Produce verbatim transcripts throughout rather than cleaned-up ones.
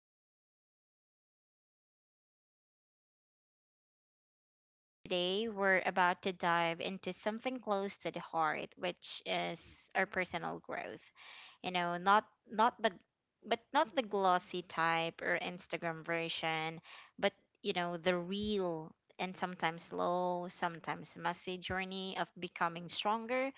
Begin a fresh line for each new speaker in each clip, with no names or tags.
All right. Good day, everyone, and welcome back to the podcast. And today we're about to dive into something close to the heart, which is our personal growth. You know, not not the but not the glossy type or Instagram version, but you know, the real and sometimes slow, sometimes messy journey of becoming stronger,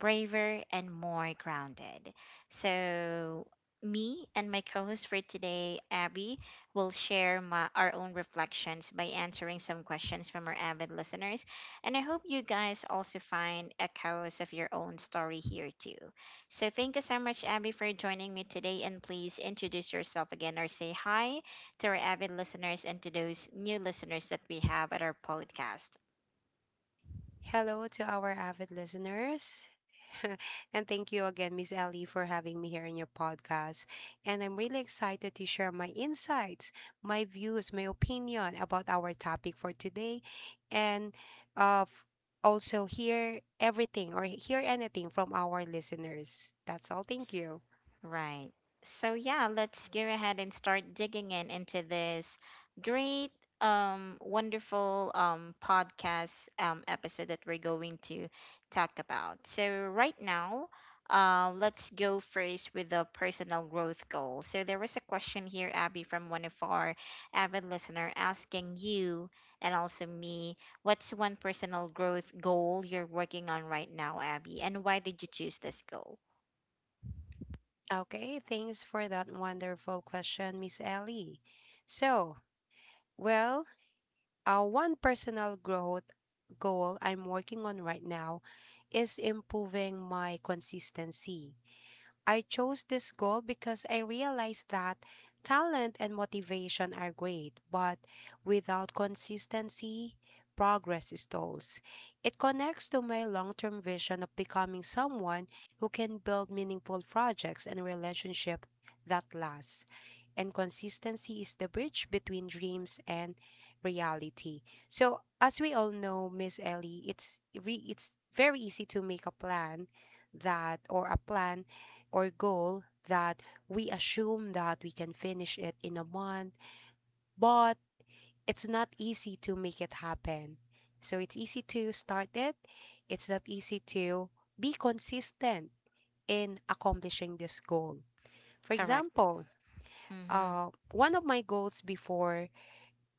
braver, and more grounded. So, me and my co host for today, Abby, we'll share my, our own reflections by answering some questions from our avid listeners. And I hope you guys also find echoes of your own story here too. So thank you so much, Abby, for joining me today. And please introduce yourself again or say hi to our avid listeners and to those new listeners that we have at our podcast.
Hello to our avid listeners. and thank you again, Miss Ellie, for having me here in your podcast. And I'm really excited to share my insights, my views, my opinion about our topic for today. And uh, f- Also hear everything or hear anything from our listeners. That's all. Thank you.
Right. So yeah, let's go ahead and start digging in into this great, um, wonderful um, podcast um, episode that we're going to talk about. So right now, uh, let's go first with the personal growth goal. So there was a question here, Abby, from one of our avid listener asking you and also me, what's one personal growth goal you're working on right now, Abby, and why did you choose this goal?
Okay, thanks for that wonderful question, Miss Ellie. So, well, Uh, one personal growth goal I'm working on right now is improving my consistency. I chose this goal because I realized that talent and motivation are great, but without consistency, progress stalls. It connects to my long term vision of becoming someone who can build meaningful projects and relationships that last. And consistency is the bridge between dreams and reality. So, as we all know, Miss Ellie, it's re- it's very easy to make a plan that or a plan or goal that we assume that we can finish it in a month, but it's not easy to make it happen. So it's easy to start it, it's not easy to be consistent in accomplishing this goal. For
Correct.
example,
Mm-hmm.
uh, one of my goals before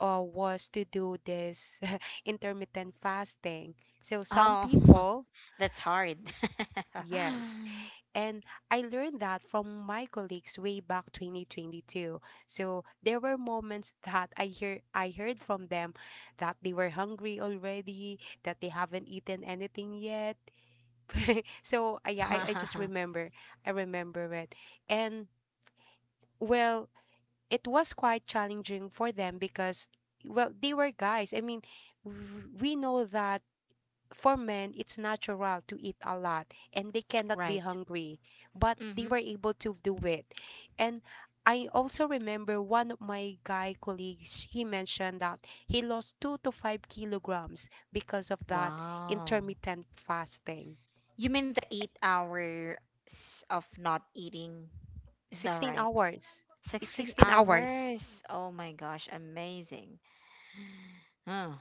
uh, was to do this intermittent fasting. So some
Oh,
people,
that's hard.
yes, and I learned that from my colleagues way back twenty twenty-two. So there were moments that I hear I heard from them that they were hungry already, that they haven't eaten anything yet. So I, yeah, I, I just remember. I remember it. And well, it was quite challenging for them because well, they were guys. I mean, w- we know that for men, it's natural to eat a lot and they cannot be
Right.
hungry, but they
Mm-hmm.
were able to do it. And I also remember one of my guy colleagues, he mentioned that he lost two to five kilograms because of that
Wow.
intermittent fasting.
You mean the eight hours of not eating? Is that
sixteen
right?
hours. It's
sixteen
sixteen hours.
hours. Oh my gosh, amazing. Oh.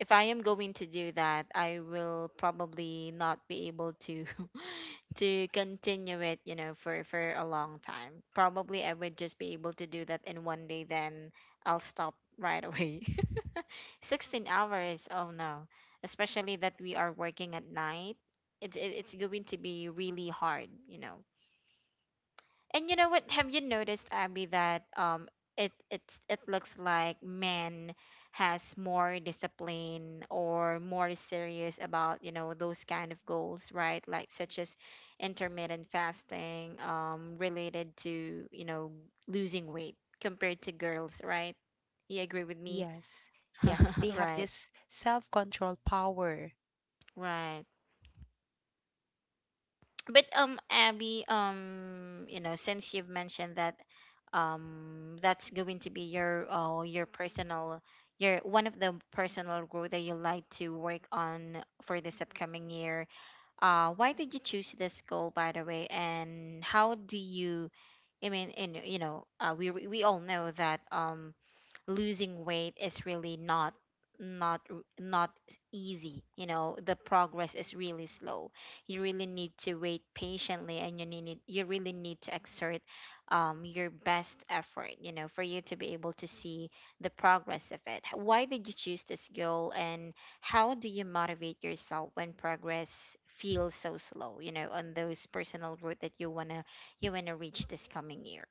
If I am going to do that, I will probably not be able to to continue it, you know, for for a long time. Probably I would just be able to do that in one day, then I'll stop right away. sixteen hours. Oh no. Especially that we are working at night. It, it, it's going to be really hard, you know. And you know what? Have you noticed, Abby, that um it it it looks like men has more discipline or more serious about, you know, those kind of goals, right? Like such as intermittent fasting, um, related to, you know, losing weight compared to girls, right? You agree with me?
Yes. Yes. They have
Right.
this self control power.
Right. but um Abby, um you know, since you've mentioned that, um that's going to be your uh, your personal your one of the personal growth that you like to work on for this upcoming year, uh why did you choose this goal, by the way, and how do you, i mean and you know, uh, we we all know that um losing weight is really not not r- not s- easy, you know, the progress is really slow. You really need to wait patiently, and you need you really need to exert, um, your best effort, you know, for you to be able to see the progress of it. H- why did you choose this goal, and how do you motivate yourself when progress feels so slow, you know, on those personal growth that you want to you want to reach this coming year?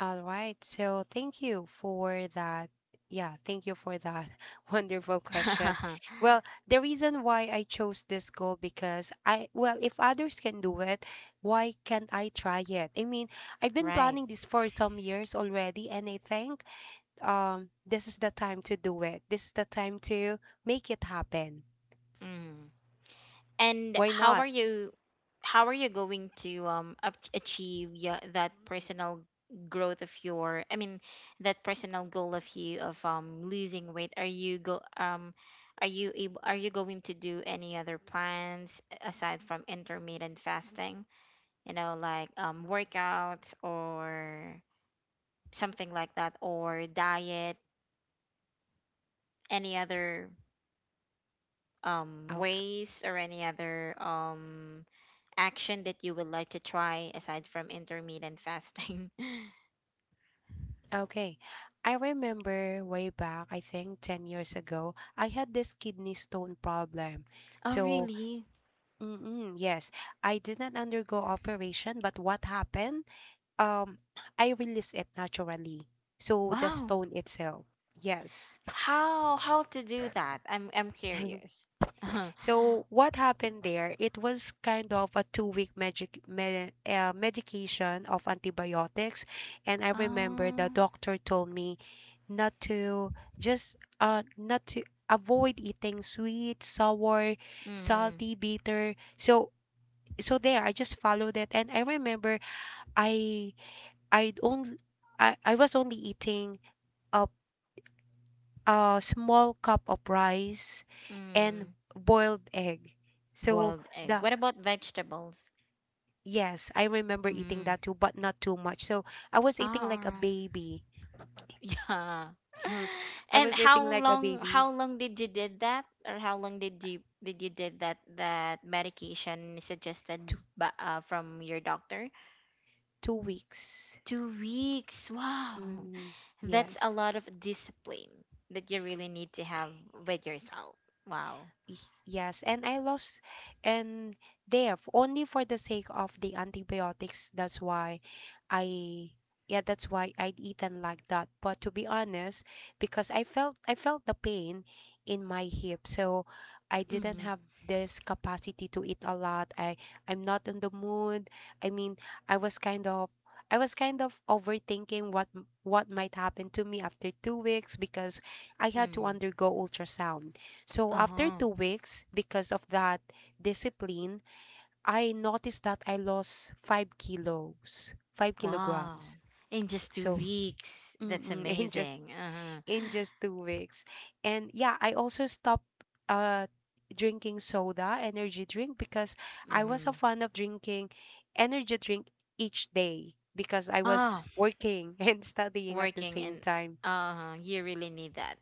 All right. So thank you for that. Yeah, thank you for that wonderful question. Well, the reason why I chose this goal because I, well, if others can do it, why can't I try it? I mean, I've been
Right.
planning this for some years already, and I think um this is the time to do it. This is the time to make it happen.
Mm. And
Why
how
not?
are you, how are you going to um up- achieve, yeah, that personal growth of your I mean that personal goal of you of um losing weight? Are you go um are you able, are you going to do any other plans aside from intermittent fasting? You know, like um workouts or something like that, or diet, any other um
Okay.
ways or any other um action that you would like to try aside from intermittent fasting?
Okay. I remember way back, I think ten years ago, I had this kidney stone problem.
Oh,
So,
really?
mm-mm, yes, I did not undergo operation, but what happened? Um, I released it naturally. So, the
Wow.
stone itself. Yes.
How how to do that? I'm I'm curious.
So what happened there? It was kind of a two-week medic med- uh, medication of antibiotics, and I remember the
Oh.
doctor told me not to just uh not to avoid eating sweet, sour,
Mm,
salty, bitter. So so there, I just followed it, and I remember I I only I, I was only eating a a small cup of rice and
mm.
boiled egg. So
Boiled egg.
the
What about vegetables?
Yes, I remember eating
Mm.
that too, but not too much. So I was eating
Ah, all
like a
right.
baby.
Yeah.
Mhm. I
And
was
how
eating like a
long how
baby.
long did you did that or how long did you did you did that that medication suggested
Two
by, uh, from your doctor?
Two weeks.
Two weeks. Wow.
Mm.
That's a
Yes.
lot of discipline that you really need to have with yourself. Wow.
Y- Yes, and I lost, and there f- only for the sake of the antibiotics. That's why I, yeah, that's why I'd eaten like that. But to be honest, because I felt I felt the pain in my hip, so I didn't
Mm-hmm.
have this capacity to eat a lot. I I'm not in the mood. I mean, I was kind of. I was kind of overthinking what m- what might happen to me after two weeks because I had to
Mm-hmm.
undergo ultrasound so after
Uh-huh.
two weeks, because of that discipline, I noticed that I lost five kilos, five
Wow.
kilograms.
In just two
So
weeks. That's
mm-mm, in just
amazing. Uh-huh.
in just two weeks, and yeah, I also stopped uh drinking soda, energy drink, because I was
Mm-hmm.
a fan of drinking energy drink each day because I was
Ah,
working and studying at the
working
same
and
time.
uh you really need that.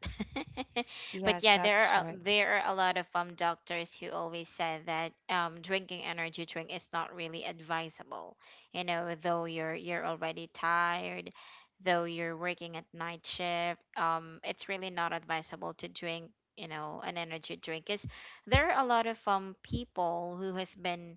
But
Yes,
yeah, there
that's
are a-
right.
there are a lot of um doctors who always said that um drinking energy drink is not really advisable, you know, though you're you're already tired, though you're working at night shift. Um it's really not advisable to drink, you know, an energy drink, because there are a lot of um people who has been,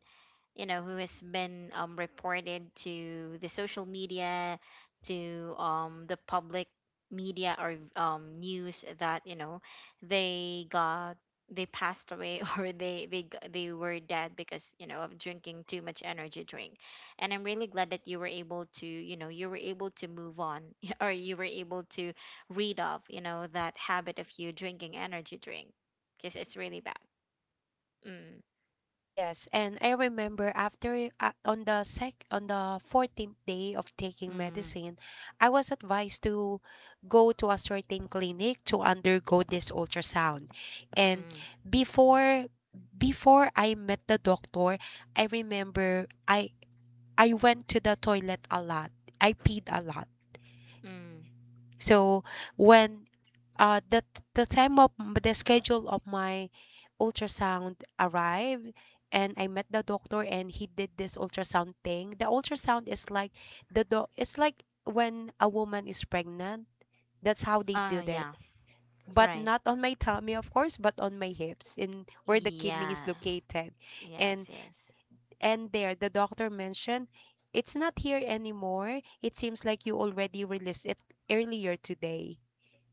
you know, who has been um, reported to the social media, to um, the public media, or um, news that, you know, they got, they passed away, or they they g- they were dead because, you know, of drinking too much energy drink. And I'm really glad that you were able to you know, you were able to move on, or you were able to rid of, you know, that habit of you drinking energy drink, because it's really bad. Mm,
Yes, and I remember after it- uh, on the sec on the fourteenth day of taking
mm,
medicine, I was advised to go to a certain clinic to undergo this ultrasound. And
mm,
before before I met the doctor, I remember I I went to the toilet a lot. I peed a lot.
mm.
So when uh the the time of the schedule of my ultrasound arrived and I met the doctor and he did this ultrasound thing. The ultrasound is like the do- it's like when a woman is pregnant. That's how they
Oh
did it.
yeah,
But
right.
not on my tummy of course, but on my hips in where the kidney is
Yeah.
located.
Yes,
And
yes.
and there the doctor mentioned it's not here anymore. It seems like you already released it earlier today,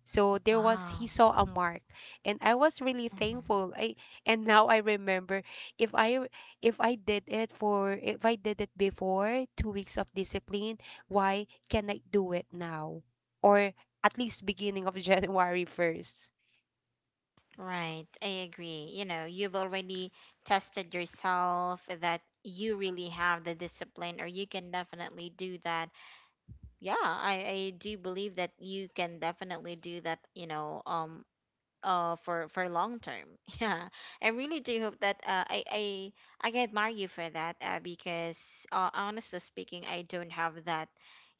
so there was he
Wow.
saw a mark and I was really
Mhm.
thankful. I and now I remember if I if I did it for if I did it before two weeks of discipline, why can I do it now? Or at least beginning of January first.
Right. I agree. You know, you've already tested yourself that you really have the discipline, or you can definitely do that. Yeah, I, I do believe that you can definitely do that, you know, um uh for for long term. Yeah, I really do hope that, uh, i i I can admire you for that, uh, because, uh, honestly speaking, I don't have that,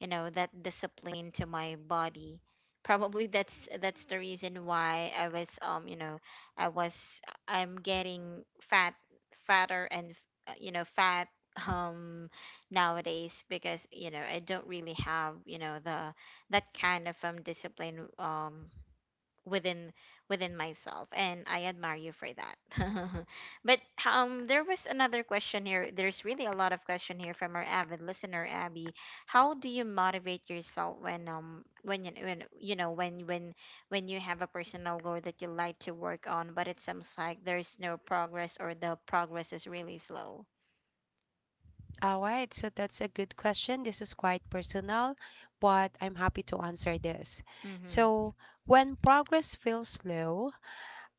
you know, that discipline to my body. Probably that's that's the reason why I was um you know, i was I'm getting fat fatter and, uh, you know, fat um nowadays, because, you know, I don't really have, you know, the that kind of um discipline um within within myself, and I admire you for that. But um there was another question here. There's really a lot of question here from our avid listener, Abby. How do you motivate yourself when, um when you when you know when when when you have a personal goal that you like to work on, but it seems like there's no progress, or the progress is really slow?
All right, so that's a good question. This is quite personal, but I'm happy to answer this.
Mm-hmm.
So, when progress feels slow,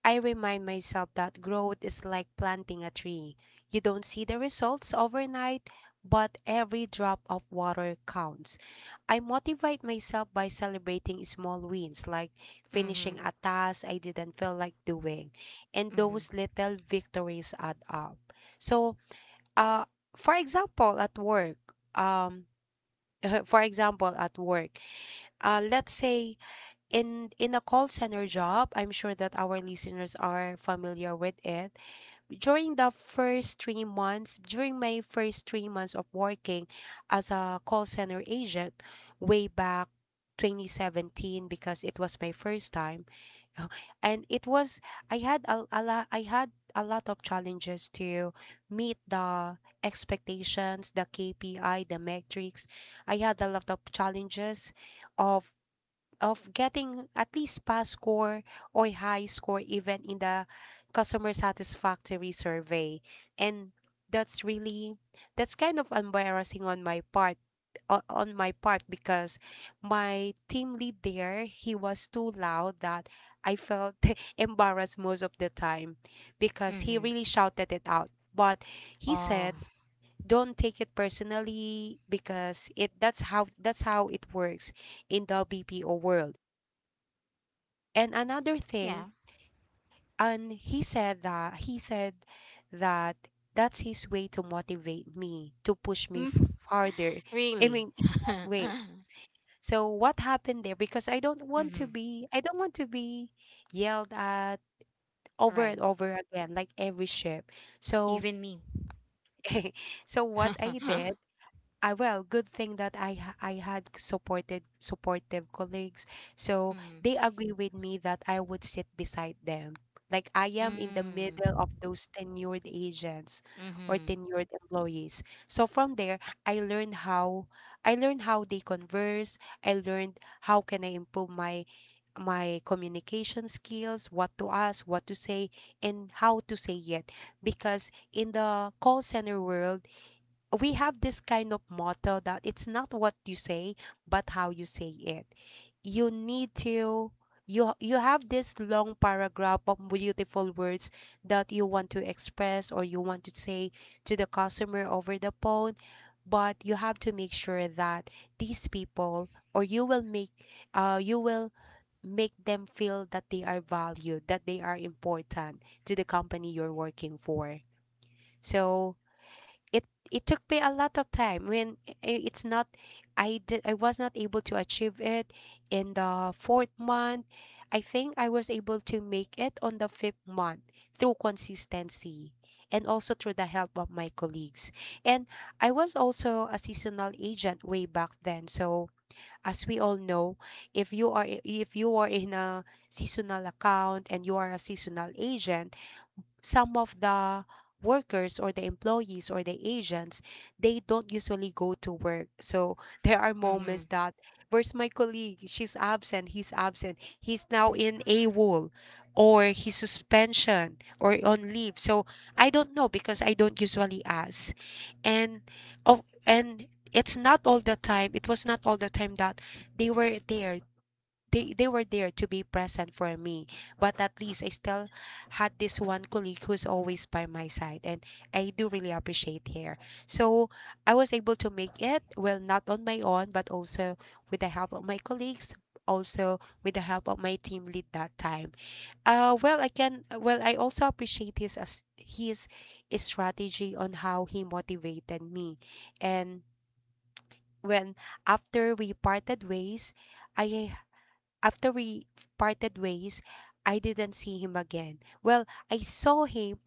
I remind myself that growth is like planting a tree. You don't see the results overnight, but every drop of water counts. I motivate myself by celebrating small wins, like finishing
Mm-hmm.
a task I didn't feel like doing, and
Mm-hmm.
those little victories add up. So, uh, for example, at work, um, for example, at work, uh, let's say in in a call center job, I'm sure that our listeners are familiar with it. During the first three months, during my first three months of working as a call center agent, way back twenty seventeen because it was my first time, and it was I had a, a lot I had a lot of challenges to meet the expectations, the K P I, the metrics. I had a lot of challenges of of getting at least pass score or high score even in the customer satisfactory survey, and that's really that's kind of embarrassing on my part o- on my part because my team lead there, he was too loud that I felt embarrassed most of the time because he
Mm-hmm.
really shouted it out. But he
Oh
said don't take it personally because it that's how that's how it works in the B P O world. And another
yeah.
thing, and he said that he said that that's his way to motivate me, to push me
Mm,
f- farther. I
really.
mean, in that way. So what happened there? Because I don't want to
Mm-hmm.
be, I don't want to be yelled at over
Right.
and over again, like every ship. So,
Even me.
so what I did. I, well, good thing that I ha- I had supported supportive colleagues. So
Mm, mm,
they agree with me that I would sit beside them. Like I am in the middle of those tenured agents or
mm-hmm,
tenured employees. So from there, I learned how I learned how they converse. I learned how can I improve my my communication skills, what to ask, what to say, and how to say it. Because in the call center world, we have this kind of motto that it's not what you say but how you say it. You need to you you have this long paragraph of beautiful words that you want to express or you want to say to the customer over the phone, but you have to make sure that these people or you will make uh you will make them feel that they are valued, that they are important to the company you're working for. So it it took me a lot of time when I- I- it's not I did I was not able to achieve it in the fourth month. I think I was able to make it on the fifth month through consistency and also through the help of my colleagues. And I was also a seasonal agent way back then. So as we all know, if you are if you are in a seasonal account and you are a seasonal agent, some of the workers or the employees or the agents, they don't usually go to work. So there are
mm-hmm.
moments that where's my colleague, she's absent, he's absent, he's now in AWOL, or his suspension or on leave. So I don't know because I don't usually ask. And oh and it's not all the time, it was not all the time that they were there, they they were there to be present for me. But at least I still had this one colleague who's always by my side, and I do really appreciate her. So I was able to make it, well, not on my own, but also with the help of my colleagues, also with the help of my team lead that time. Uh well, I can well I also appreciate his, as his strategy on how he motivated me. And when after we parted ways, I after we parted ways, I didn't see him again. Well, I saw him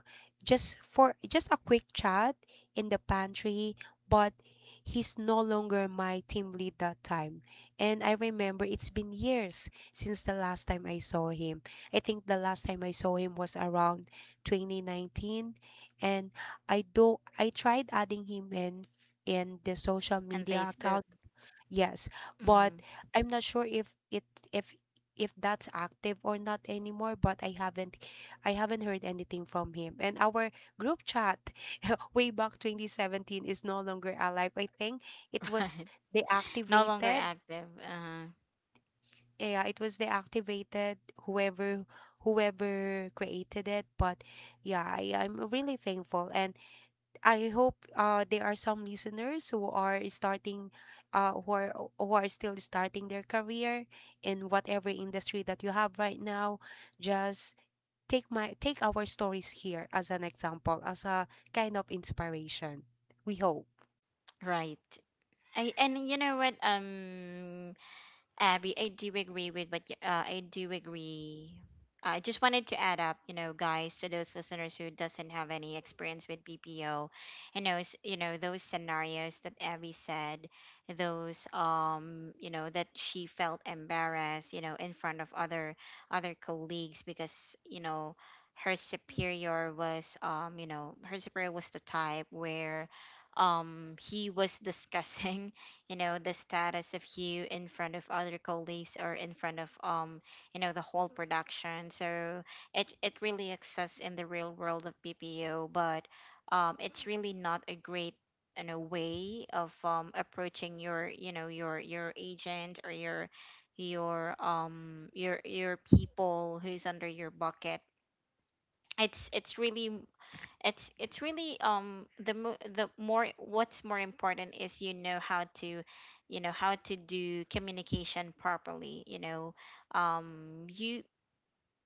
just for just a quick chat in the pantry, but he's no longer my team lead that time. And I remember it's been years since the last time I saw him. I think the last time I saw him was around twenty nineteen, and I do I tried adding him in in the social
And
media
Facebook,
account. Yes, but
mm-hmm.
I'm not sure if it if if that's active or not anymore. But I haven't I haven't heard anything from him. And our group chat way back twenty seventeen is no longer alive. I think it was
Right? No longer
deactivated.
active. Uh,
Yeah, it was deactivated. Whoever Whoever created it. But yeah, I, I'm really thankful. And I hope uh, there are some listeners who are starting, uh, who are who are still starting their career in whatever industry that you have right now. Just take my take our stories here as an example, as a kind of inspiration. We hope.
right. I And you know what? Um, Abby, I do agree with what you, uh, I do agree. I just wanted to add up, you know, guys, to those listeners who doesn't have any experience with B P O, and those, you know, those scenarios that Abby said, those, um, you know, that she felt embarrassed, you know, in front of other other colleagues, because, you know, her superior was, um, you know, her superior was the type where, um, he was discussing, you know, the status of you in front of other colleagues, or in front of, um you know, the whole production. So it it really exists in the real world of B P O, but um it's really not a great, you know, way of um approaching your, you know, your your agent, or your your um your your people who's under your bucket. it's it's really it's it's really um the mo- the more, what's more important is, you know, how to, you know, how to do communication properly, you know. um you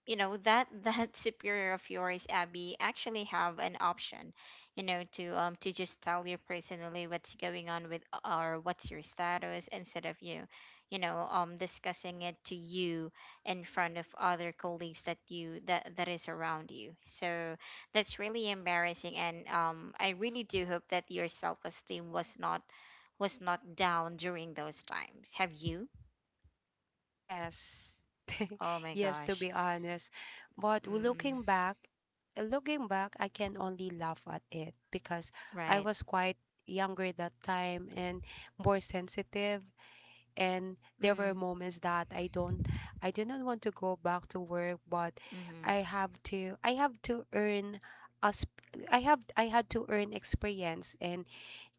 you know that that superior of yours, Abby, actually have an option, you know, to um to just tell you personally what's going on with, uh, or what's your status, instead of you, you know, um discussing it to you in front of other colleagues that you that that is around you. So that's really embarrassing, and um I really do hope that your self-esteem was not, was not down during those times. Have you,
Yes.
oh my
Yes, to
gosh,
be honest. But w-
mm,
looking back, looking back, I can only laugh at it because I
right,
was quite younger that time and more sensitive. And there were
mm,
moments that I don't I do not want to go back to work, but
mm-hmm.
I have to I have to earn us I have I had to earn experience in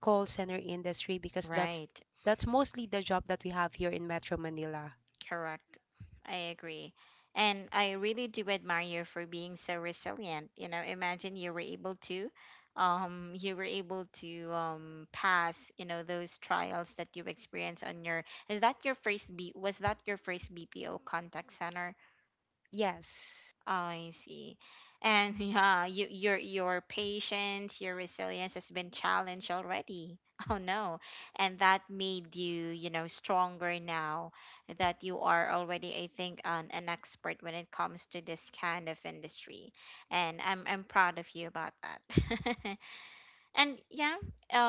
call center industry, because that's
Right,
that's mostly the job that we have here in Metro Manila.
correct. I agree. And I really do admire you for being so resilient. You know, imagine you were able to um you were able to um pass, you know, those trials that you experienced on your, is that your first B was that your first B P O contact center?
Yes.
Oh, I see. And yeah, you, your your patience, your resilience has been challenged already. Oh no. And that made you, you know, stronger now that you are already, I think, an, an expert when it comes to this kind of industry. And I'm I'm proud of you about that. And yeah,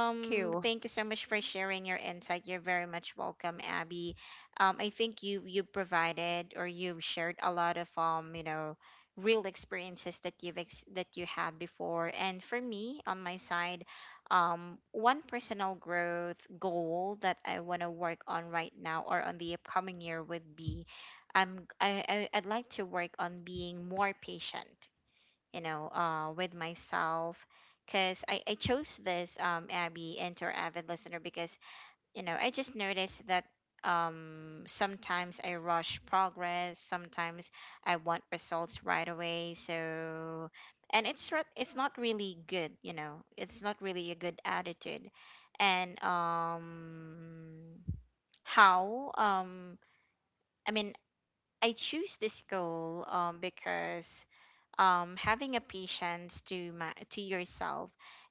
Thank you.
thank you so much for sharing your insight. You're very much welcome, Abby. Um, I think you you provided, or you've shared a lot of um, you know, real experiences that you've ex- that you had before. And for me, on my side, um, one personal growth goal that I want to work on right now, or on the upcoming year, would be, um, I, I I'd like to work on being more patient, you know, uh, with myself. Because I, I chose this, um, Abby, Enter Avid Listener, because, you know, I just noticed that, um, sometimes I rush progress, sometimes I want results right away. So, and it's, re- it's not really good, you know, it's not really a good attitude. And um, how, um, I mean, I choose this goal um, because um, having a patience to ma- to yourself,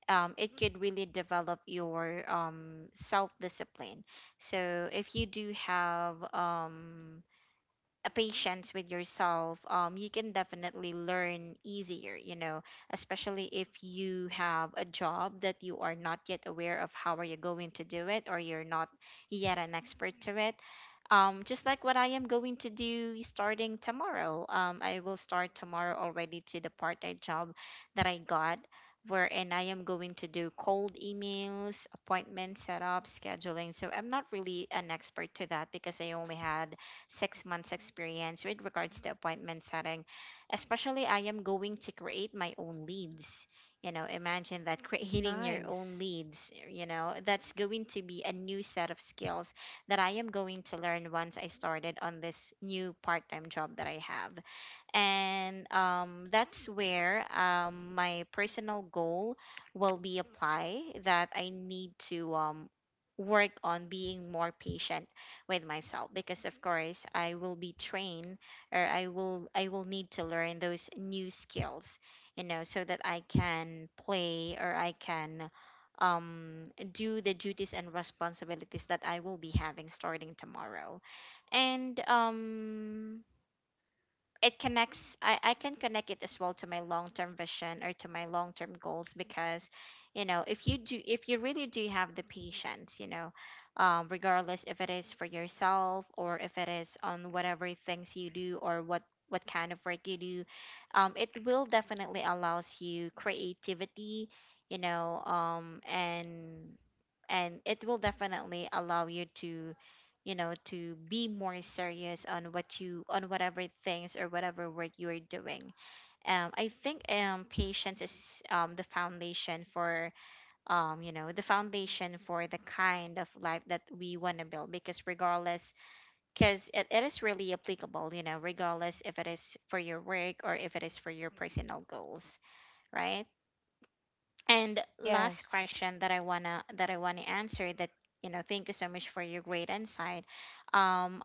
um, it could really develop your um, self discipline. So if you do have um, a patience with yourself, um, you can definitely learn easier, you know, especially if you have a job that you are not yet aware of how are you going to do it, or you're not yet an expert to it. Um, just like what I am going to do starting tomorrow. Um, I will start tomorrow already to the part-time job that I got, wherein I am going to do cold emails, appointment setup, scheduling. So I'm not really an expert to that because I only had six months experience with regards to appointment setting. Especially, I am going to create my own leads. You know, imagine that, creating your own
Nice.
leads, you know, that's going to be a new set of skills that I am going to learn once I started on this new part time job that I have. And um, that's where um, my personal goal will be apply, that i need to um, work on being more patient with myself, because of course i will be trained, or i will i will need to learn those new skills, you know, so that i can play, or i can um, do the duties and responsibilities that i will be having starting tomorrow. And um it connects. I, I can connect it as well to my long-term vision or to my long-term goals, because you know, if you do, if you really do have the patience, you know, um, regardless if it is for yourself or if it is on whatever things you do, or what what kind of work you do, um, it will definitely allows you creativity, you know um, and and it will definitely allow you to, you know, to be more serious on what you, on whatever things or whatever work you are doing. um, I think um, patience is um, the foundation for, um, you know, the foundation for the kind of life that we want to build. Because regardless, because it, it is really applicable, you know, regardless if it is for your work or if it is for your personal goals, right? And last
Yes.
question that I wanna, that I wanna answer that, you know thank you so much for your great insight. Um,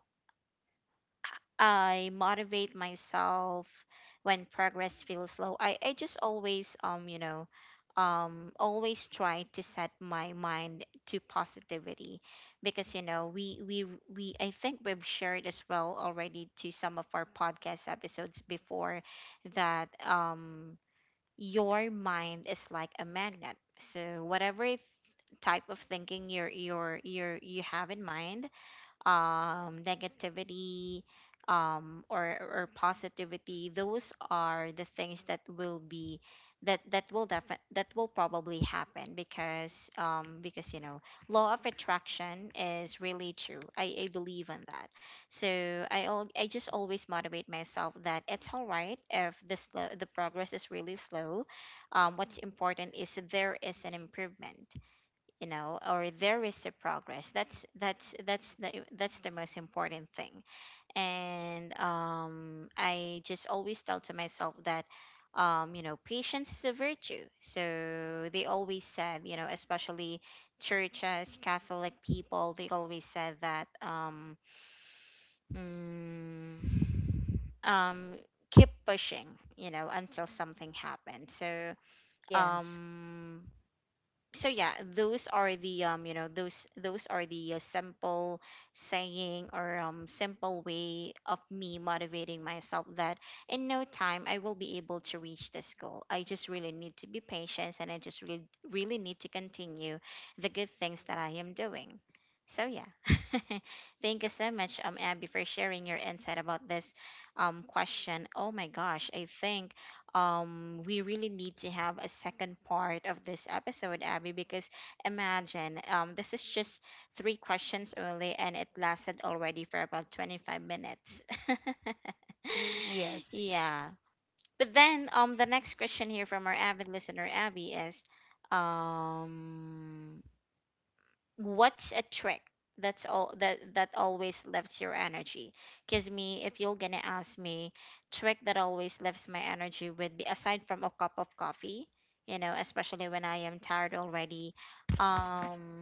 I motivate myself when progress feels slow. I I just always um you know um always try to set my mind to positivity, because you know, we we we I think we've shared as well already to some of our podcast episodes before that um your mind is like a magnet. So whatever th- type of thinking you're you're you're you have in mind, um, negativity, um, or or positivity. Those are the things that will be, that that will defi- that will probably happen, because um, because you know, law of attraction is really true. I, I believe in that. So I al- I just always motivate myself that it's all right if the slow, the progress is really slow. Um, what's important is there is an improvement, you know, or there is a progress. That's that's that's the that's the most important thing. And um i just always tell to myself that um you know, patience is a virtue, so they always said, you know, especially churches, catholic people, they always said that, um mm, um keep pushing, you know, until something happens. so
Yes.
um so yeah, those are the, um you know those those are the uh, simple saying, or um simple way of me motivating myself that in no time i will be able to reach this goal. I just really need to be patient, and i just really really need to continue the good things that i am doing. So yeah. Thank you so much, um Abby, for sharing your insight about this um question. Oh my gosh, I think um we really need to have a second part of this episode, Abby, because imagine, um this is just three questions only, and it lasted already for about twenty-five minutes.
Yes.
Yeah. But then, um the next question here from our avid listener Abby is, um what's a trick that's all that that always lifts your energy? Because me, if you're gonna ask me, trick that always lifts my energy would be, aside from a cup of coffee, you know, especially when i am tired already, um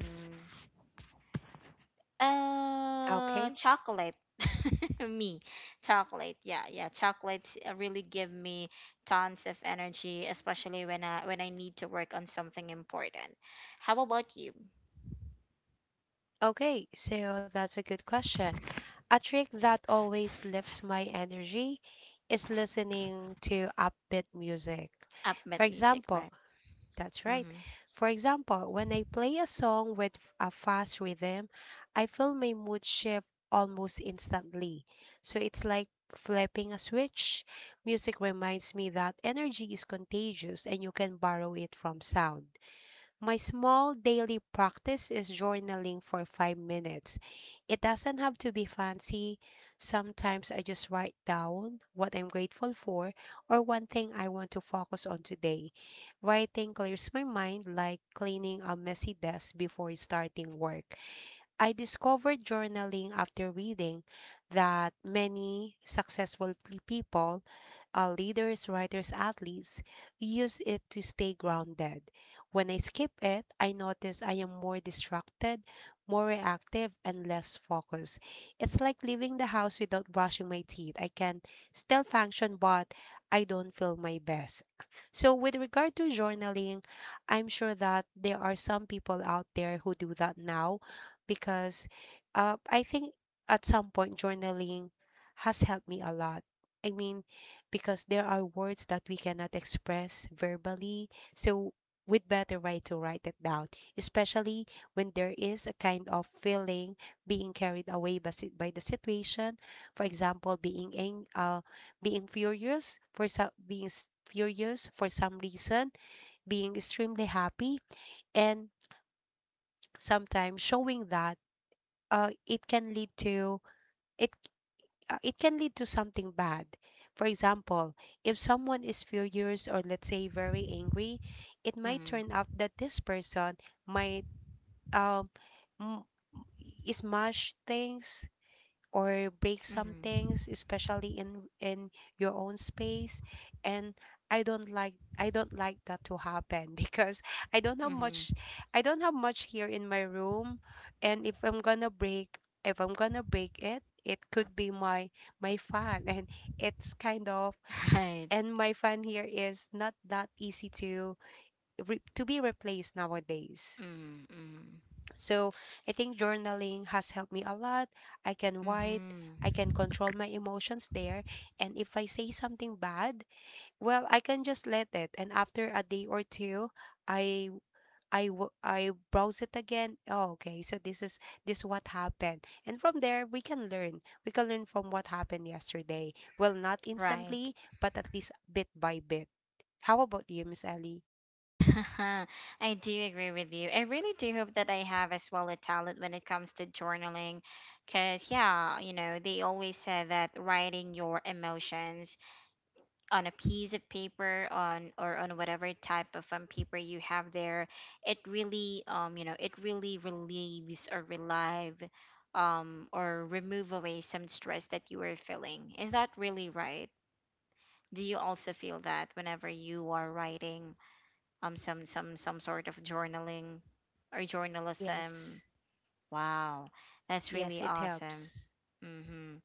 uh
Okay.
chocolate. Me, chocolate. Yeah yeah Chocolates uh, really give me tons of energy, especially when i when i need to work on something important. How about you?
Okay, so that's a good question. A trick that always lifts my energy is listening to upbeat music. For
Upbeat music,
example,
right?
that's right.
Mm-hmm.
For example, when I play a song with f- a fast rhythm, I feel my mood shift almost instantly. So it's like flipping a switch. Music reminds me that energy is contagious and you can borrow it from sound. My small daily practice is journaling for five minutes. It doesn't have to be fancy. Sometimes I just write down what I'm grateful for, or one thing I want to focus on today. Writing clears my mind like cleaning a messy desk before starting work. I discovered journaling after reading that many successful p- people, uh, leaders, writers, athletes, use it to stay grounded. When I skip it, I notice I am more distracted, more reactive, and less focused. It's like leaving the house without brushing my teeth. I can still function, but I don't feel my best. So, with regard to journaling, I'm sure that there are some people out there who do that now, because uh, I think at some point journaling has helped me a lot. I mean, because there are words that we cannot express verbally, so we'd better write to write it down, especially when there is a kind of feeling being carried away by, si- by the situation. For example, being ang- uh, being furious for some, being s- furious for some reason, being extremely happy, and sometimes showing that, uh, it can lead to, it uh, it can lead to something bad. For example, if someone is furious or, let's say, very angry, it might
Mhm.
turn out that this person might um m- smash things or break some
Mhm.
things, especially in in your own space. And i don't like I don't like that to happen because i don't have much
Mhm.
I don't have much here in my room. And if i'm gonna break if I'm gonna break it, it could be my my fan and it's kind of,
Right.
and my fan here is not that easy to re- to be replaced nowadays.
Mm. Mm.
So I think journaling has helped me a lot. I can write,
Mhm.
I can control my emotions there. And if I say something bad, well, I can just let it. And after a day or two, I I w- I browse it again. Oh, okay. So this is this what happened. And from there we can learn. We can learn from what happened yesterday. Well, not
Right.
instantly, but at least bit by bit. How about you, Miss Ellie?
I do agree with you. I really do hope that I have as well a talent when it comes to journaling, because yeah, you know, they always say that writing your emotions on a piece of paper, on or on whatever type of um, paper you have there, it really um you know it really relieves or relieve um or remove away some stress that you were feeling. Is that really right? Do you also feel that whenever you are writing um some some some sort of journaling or journalism?
Yes.
Wow, that's
Yes,
really
it
awesome.
helps.
Mhm.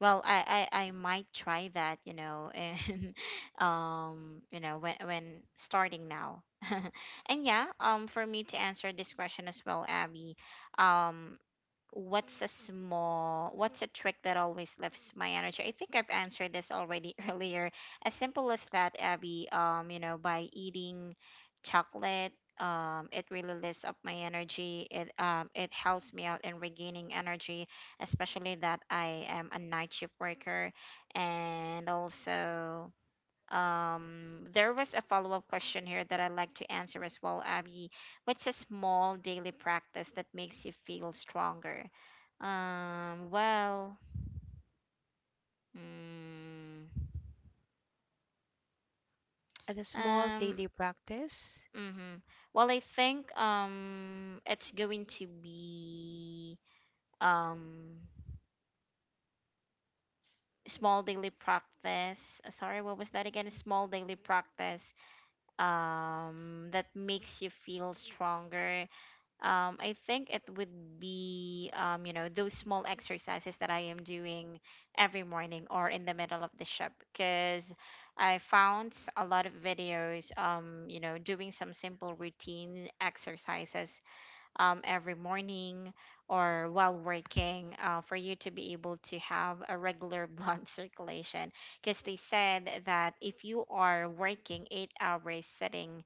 Well, I, I, I might try that, you know, and um, you know, when when starting now. And yeah, um, for me to answer this question as well, Abby, um, what's a small, what's a trick that always lifts my energy? I think I've answered this already earlier. As simple as that, Abby, um, you know, by eating chocolate, um, it really lifts up my energy. It um, it helps me out in regaining energy, especially that I am a night shift worker, and also um, there was a follow up question here that I'd like to answer as well, Abby. What's a small daily practice that makes you feel stronger? Um, well, mm,
And a small
um,
daily practice?
hmm well, I think um, it's going to be um, small daily practice. uh, Sorry, what was that again? A small daily practice um, that makes you feel stronger. um, I think it would be, um, you know, those small exercises that I am doing every morning or in the middle of the ship. Because I found a lot of videos, um, you know, doing some simple routine exercises um, every morning or while working, uh, for you to be able to have a regular blood circulation. Because they said that if you are working eight hours sitting,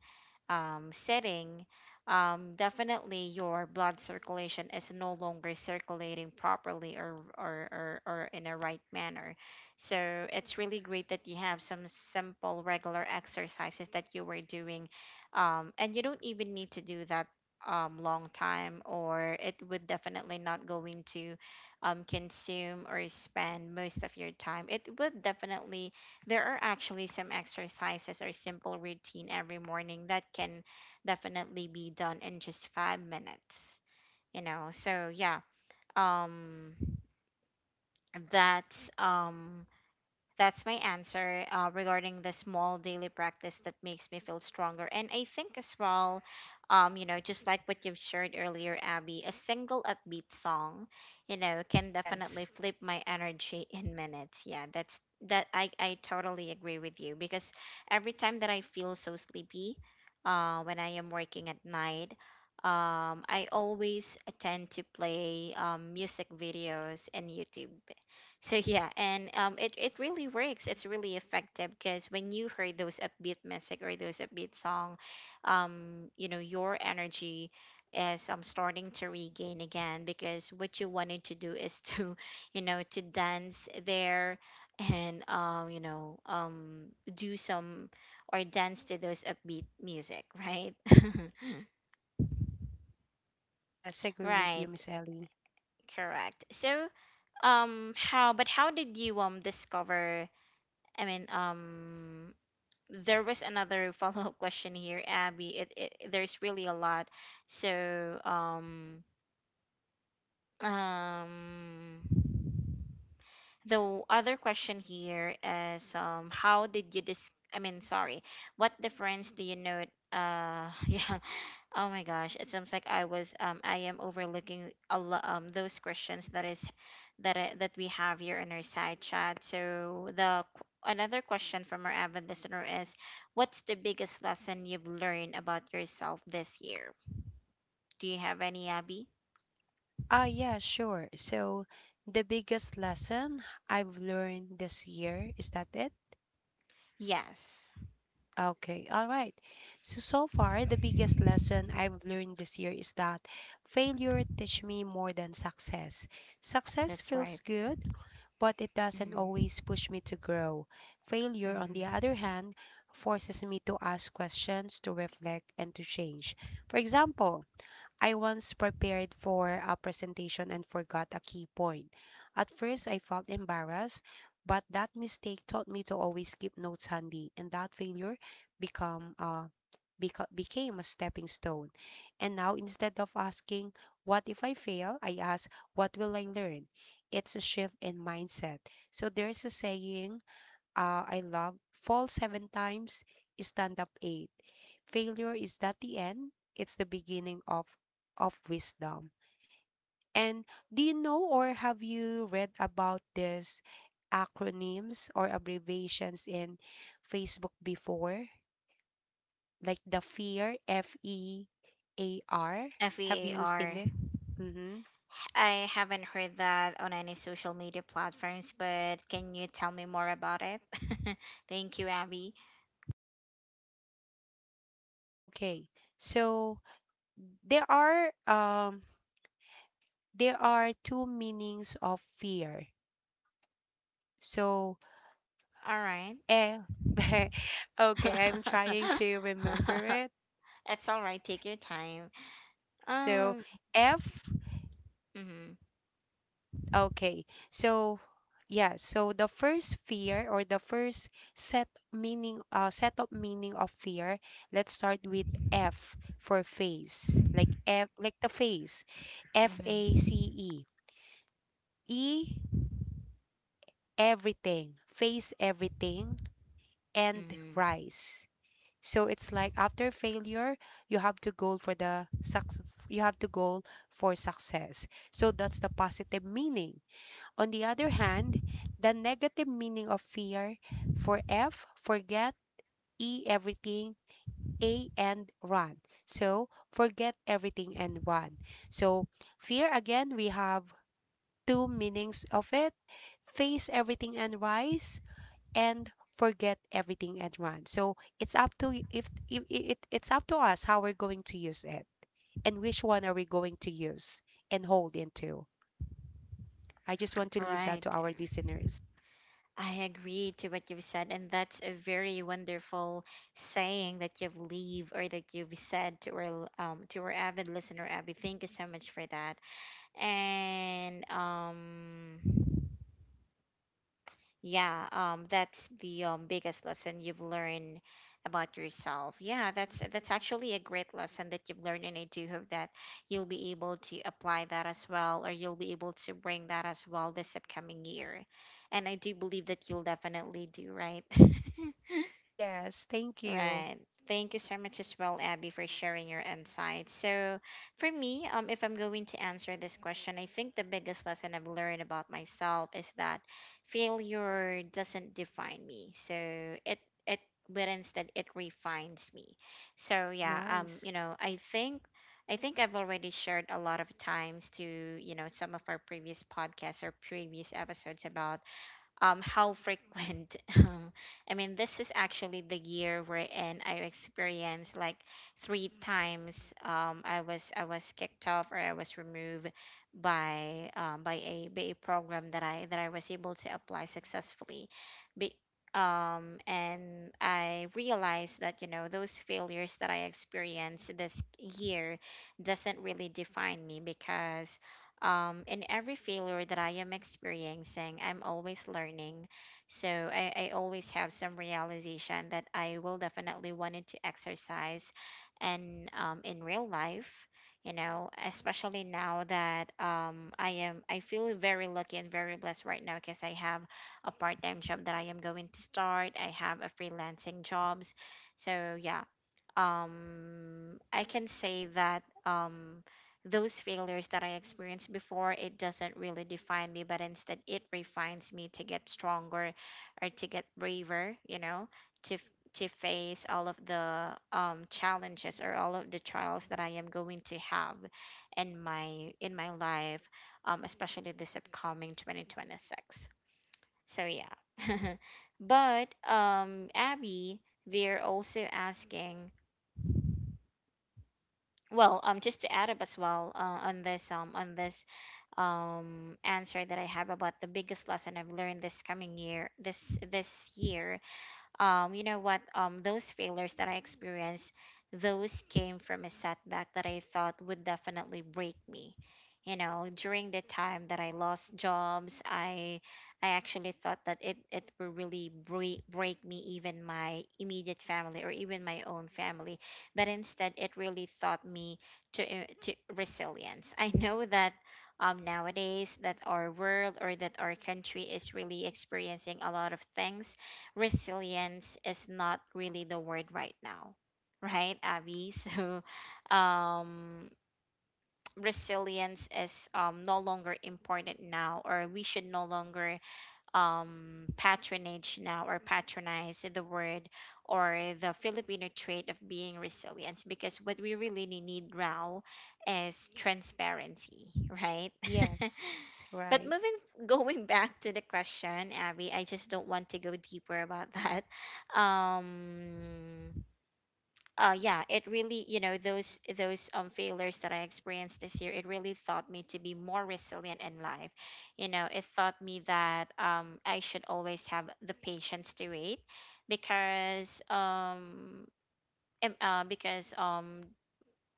um, sitting, um, definitely your blood circulation is no longer circulating properly, or, or, or, or in a right manner. So it's really great that you have some simple regular exercises that you were doing. Um, and you don't even need to do that um, long time, or it would definitely not going to um, consume or spend most of your time. It would definitely, there are actually some exercises or simple routine every morning that can definitely be done in just five minutes, you know. so yeah um that's um that's my answer uh, regarding the small daily practice that makes me feel stronger. And I think as well, um, you know, just like what you've shared earlier, Abby, a single upbeat song, you know, can definitely
Yes.
flip my energy in minutes. Yeah, that's, that I, I totally agree with you, because every time that I feel so sleepy uh, when I am working at night, um, I always tend to play um, music videos and YouTube. So yeah, and um, it it really works. It's really effective because when you heard those upbeat music or those upbeat song, um, you know, your energy is um starting to regain again, because what you wanted to do is to, you know, to dance there, and um, you know, um, do some or dance to those upbeat music, right?
Yes, agree with you,
Right,
Miss Ellie.
correct. So um, how, but how did you um discover? I mean, um, there was another follow-up question here, Abby. It, it there's really a lot. So, um, um, the w- other question here is, um how did you dis, I mean, sorry, what difference do you note? Uh yeah, oh my gosh, it seems like I was um I am overlooking a lo- um those questions that is that I, that we have here in our side chat. So the qu- another question from our avid listener is, what's the biggest lesson you've learned about yourself this year? Do you have any, Abby?
Ah, yeah, sure. So, the biggest lesson I've learned this year, is that it?
Yes,
Okay, all right. So, so far, the biggest lesson I've learned this year is that failure teach me more than success. Success
that's right.
feels good, but it doesn't
Mm-hmm.
always push me to grow. Failure, on the
Mm-hmm.
other hand, forces me to ask questions, to reflect, and to change. For example, I once prepared for a presentation and forgot a key point. At first, I felt embarrassed, but that mistake taught me to always keep notes handy, and that failure become a beca- became a stepping stone. And now, instead of asking, "What if I fail?" I ask, "What will I learn?" It's a shift in mindset. So, there's a saying, uh, I love. Fall seven times, stand up eight. Failure is not the end? It's the beginning of of wisdom. And do you know, or have you read about this acronyms or abbreviations in Facebook before? Like the fear, F E A R. Have you seen
F E A R.
it? Mm-hmm.
I haven't heard that on any social media platforms, but can you tell me more about it? Thank you, Abby.
Okay. So there are um there are two meanings of fear. So,
All right.
eh. Okay, I'm trying to remember it.
It's all right. Take your time.
So,
Um.
F.
Mhm.
Okay. So, yeah, so the first fear, or the first set meaning, uh set of meaning of fear, let's start with F for face. Like F, like the face. F A
Mhm.
C E. E, everything. Face everything and
Mhm.
rise. So it's like, after failure, you have to go for the suc. You have to go for success. So that's the positive meaning. On the other hand, the negative meaning of fear, for F, forget, E, everything, A, and run. So forget everything and run. So fear, again, we have two meanings of it: face everything and rise, and forget everything and run. So it's up to y- if, if it, it's up to us how we're going to use it and which one are we going to use and hold into. I just want to
All
leave that
right.
to our listeners.
I agree to what you've said, and that's a very wonderful saying that you've leave or that you've said to our um to our avid listener, Abby. Thank you so much for that. And um. Yeah, um, that's the um, biggest lesson you've learned about yourself. Yeah, that's that's actually a great lesson that you've learned, and I do hope that you'll be able to apply that as well, or you'll be able to bring that as well this upcoming year. And I do believe that you'll definitely do, right?
Yes, thank you.
Right. Thank you so much as well, Abby, for sharing your insights. So, for me, um, if I'm going to answer this question, I think the biggest lesson I've learned about myself is that failure doesn't define me. So it it but instead it refines me. So yeah, um, you
Nice.
know, I think I think I've already shared a lot of times to you know some of our previous podcasts or previous episodes about um, how frequent. Um, I mean, this is actually the year wherein I experienced like three times. Um, I was I was kicked off or I was removed by um, by a by a program that I that I was able to apply successfully. Be, um, and I realized that you know those failures that I experienced this year doesn't really define me because um, in every failure that I am experiencing, I'm always learning. So I, I always have some realization that I will definitely wanted to exercise and um, in real life, you know, especially now that um, I am I feel very lucky and very blessed right now because I have a part-time job that I am going to start. I have a freelancing jobs. So yeah, um I can say that um those failures that I experienced before, it doesn't really define me but instead it refines me to get stronger or to get braver, you know to f- to face all of the um, challenges or all of the trials that I am going to have in my in my life, um, especially this upcoming twenty twenty-six. So yeah, but um Abby, they're also asking, well, um, just to add up as well, uh, on this um on this um answer that I have about the biggest lesson I've learned this coming year this this year. Um, you know what um, Those failures that I experienced, those came from a setback that I thought would definitely break me. You know during the time that I lost jobs, i i actually thought that it it will really break break me, even my immediate family or even my own family. But instead, it really taught me to uh, to resilience. I know that um, nowadays that our world or that our country is really experiencing a lot of things, resilience is not really the word right now, right, Abby? So, um, resilience is um, no longer important now, or we should no longer um, patronage now or patronize the word, or the Filipino trait of being resilient, because what we really need now is transparency, right?
Yes,
But
right.
moving going back to the question, Abby, I just don't want to go deeper about that. Um, uh yeah, it really, you know those those um failures that I experienced this year, it really taught me to be more resilient in life. You know it taught me that um I should always have the patience to wait, because um em- uh, because um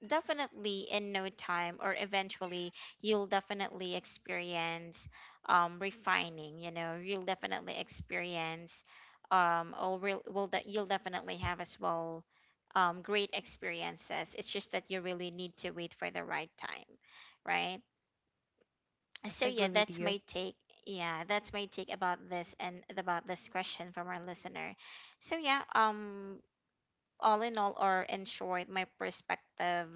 definitely, in no time or eventually, you'll definitely experience um refining. You know you'll definitely experience um or will, will that you'll definitely have as well um great experiences. It's just that you really need to wait for the right time, right? So
Yes,
yeah,
agree with
that's my
you.
take yeah that's my take about this and about this question from our listener. So yeah, um all in all, or in short, my perspective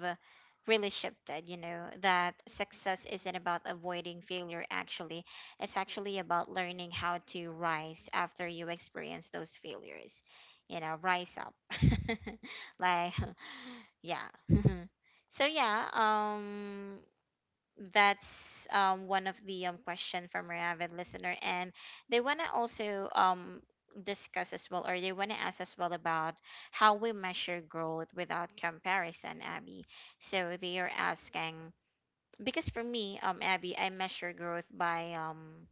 really shifted. You know that success isn't about avoiding failure, actually, it's actually about learning how to rise after you experience those failures. You know, rise up. Like, yeah. So, yeah, um, that's um, one of the um, question from our avid listener, and they want to also um, discuss as well, or they want to ask as well about how we measure growth without comparison, Abby. So they are asking, because for me, um, Abby, I measure growth by um,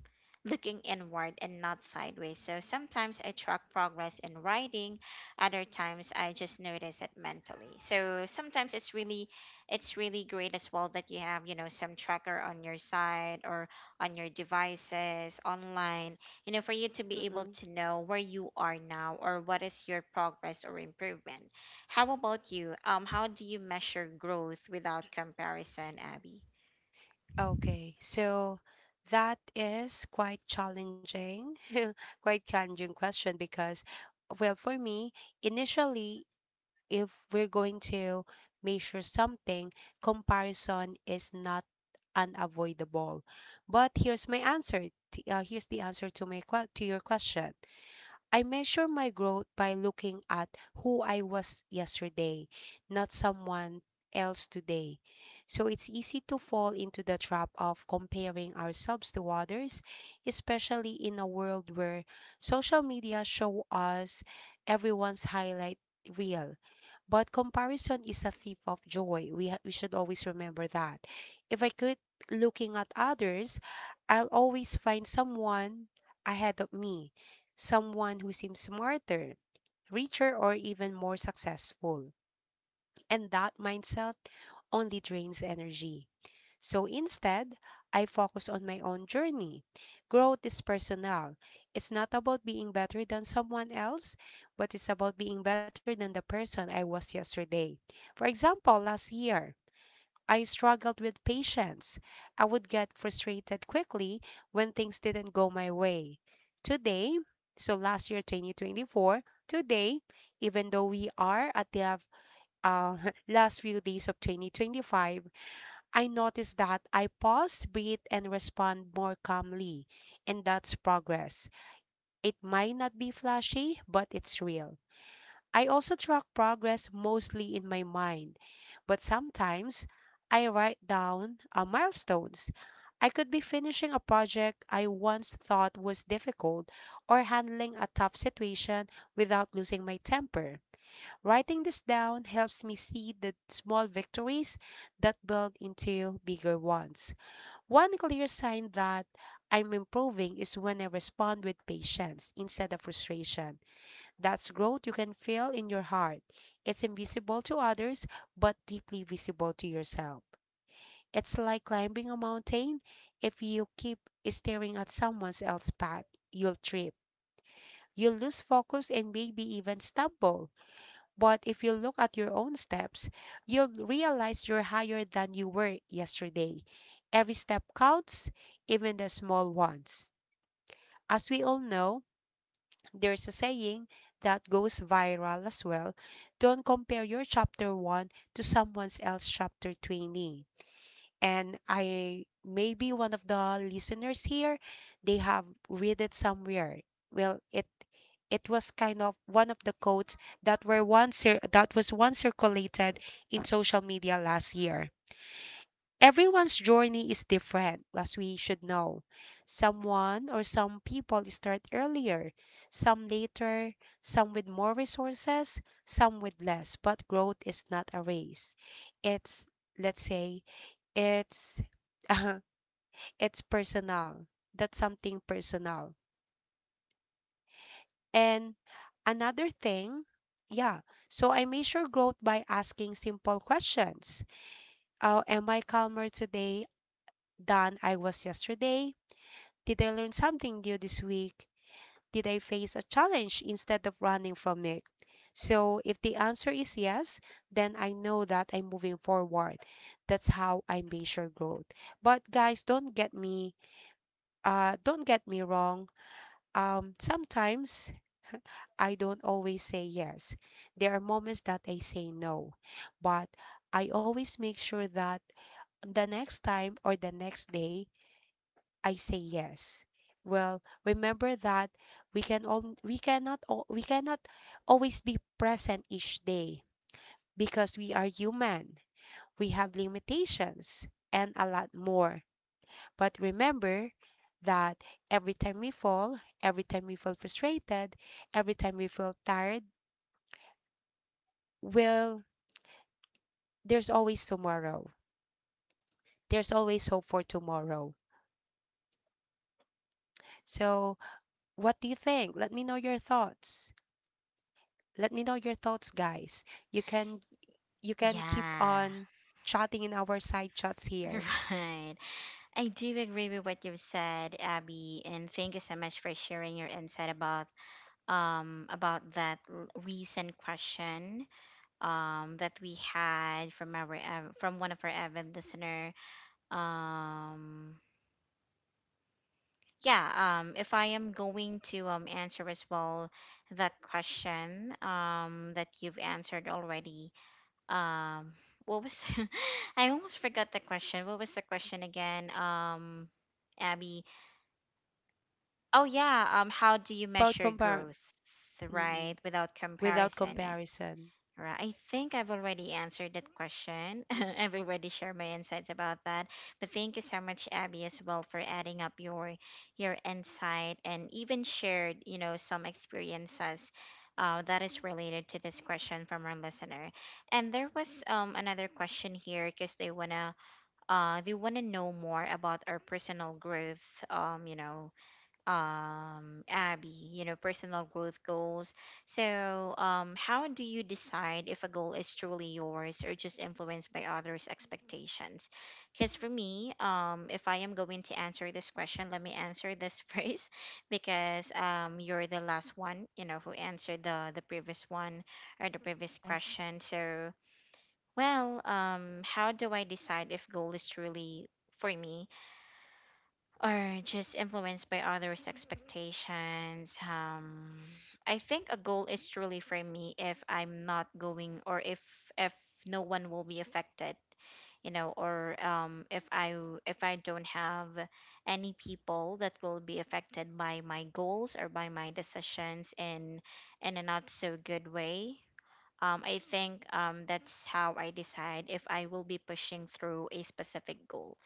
looking inward and not sideways. So sometimes I track progress in writing, other times I just notice it mentally. So sometimes it's really, it's really great as well that you have, you know some tracker on your side or on your devices, online, you know, for you to be able
Mm-mm.
to know where you are now or what is your progress or improvement. How about you? Um, how do you measure growth without comparison, Abby?
Okay, so that is quite challenging, quite challenging question because, well, for me, initially, if we're going to measure something, comparison is not unavoidable. But here's my answer. T- Uh, here's the answer to my que- to your question. I measure my growth by looking at who I was yesterday, not someone else today. So it's easy to fall into the trap of comparing ourselves to others, especially in a world where social media show us everyone's highlight reel. But comparison is a thief of joy. We ha- we should always remember that. If I could looking at others, I'll always find someone ahead of me, someone who seems smarter, richer, or even more successful. And that mindset only drains energy. So instead, I focus on my own journey. Growth is personal. It's not about being better than someone else, but it's about being better than the person I was yesterday. For example, last year, I struggled with patience. I would get frustrated quickly when things didn't go my way. Today, so last year twenty twenty-four, today, even though we are at the uh, last few days of twenty twenty-five, I noticed that I pause, breathe, and respond more calmly. And that's progress. It might not be flashy, but it's real. I also track progress mostly in my mind, but sometimes I write down uh, milestones. I could be finishing a project I once thought was difficult, or handling a tough situation without losing my temper. Writing this down helps me see the small victories that build into bigger ones. One clear sign that I'm improving is when I respond with patience instead of frustration. That's growth you can feel in your heart. It's invisible to others, but deeply visible to yourself. It's like climbing a mountain. If you keep staring at someone else's path, you'll trip. You'll lose focus and maybe even stumble. But if you look at your own steps, you'll realize you're higher than you were yesterday. Every step counts, even the small ones. As we all know, there's a saying that goes viral as well. Don't compare your chapter one to someone else's chapter twenty. And I, maybe one of the listeners here, they have read it somewhere. Well, it it was kind of one of the quotes that were once cir- that was once circulated in social media last year. Everyone's journey is different, as we should know. Someone or some people start earlier, some later, some with more resources, some with less. But growth is not a race. It's, let's say, it's, it's personal. That's something personal. And another thing, yeah. So I measure growth by asking simple questions. Uh, am I calmer today than I was yesterday? Did I learn something new this week? Did I face a challenge instead of running from it? So, if the answer is yes, then I know that I'm moving forward. That's how I measure growth. But guys, don't get me uh don't get me wrong. Um sometimes I don't always say yes. There are moments that I say no, but I always make sure that the next time or the next day I say yes. Well, remember that we can all we cannot al- we cannot always be present each day because we are human. We have limitations and a lot more. But remember that every time we fall, every time we feel frustrated, every time we feel tired, well, there's always tomorrow. There's always hope for tomorrow. So, what do you think? Let me know your thoughts. Let me know your thoughts, guys. You can you can keep
Yeah,
on chatting in our side chats here
right. I do agree with what you've said, Abby, and thank you so much for sharing your insight about um about that l- recent question um that we had from our ev- from one of our avid listener. Um, yeah. Um, if I am going to um answer as well that question um that you've answered already. Um, what was, I almost forgot the question. What was the question again? Um, Abby. Oh yeah. Um, how do you
about
measure
compare.
growth, right?
Mm,
Without
without
comparison.
comparison.
Right. I think I've already answered that question. I've already shared my insights about that. But thank you so much, Abby, as well, for adding up your your insight, and even shared, you know, some experiences uh, that is related to this question from our listener. And there was um, another question here because they wanna uh, they wanna know more about our personal growth, um, you know, um Abby, you know, personal growth goals. So, um how do you decide if a goal is truly yours or just influenced by others' expectations? Cuz for me, um if I am going to answer this question, let me answer this first, because um you're the last one, you know, who answered the the previous one or the previous question.
Yes.
So, well, um how do I decide if goal is truly for me or just influenced by others' expectations? Um, I think a goal is truly for me if I'm not going or if if no one will be affected, you know, or um, if I if I don't have any people that will be affected by my goals or by my decisions in in a not so good way. Um, I think, um, that's how I decide if I will be pushing through a specific goal.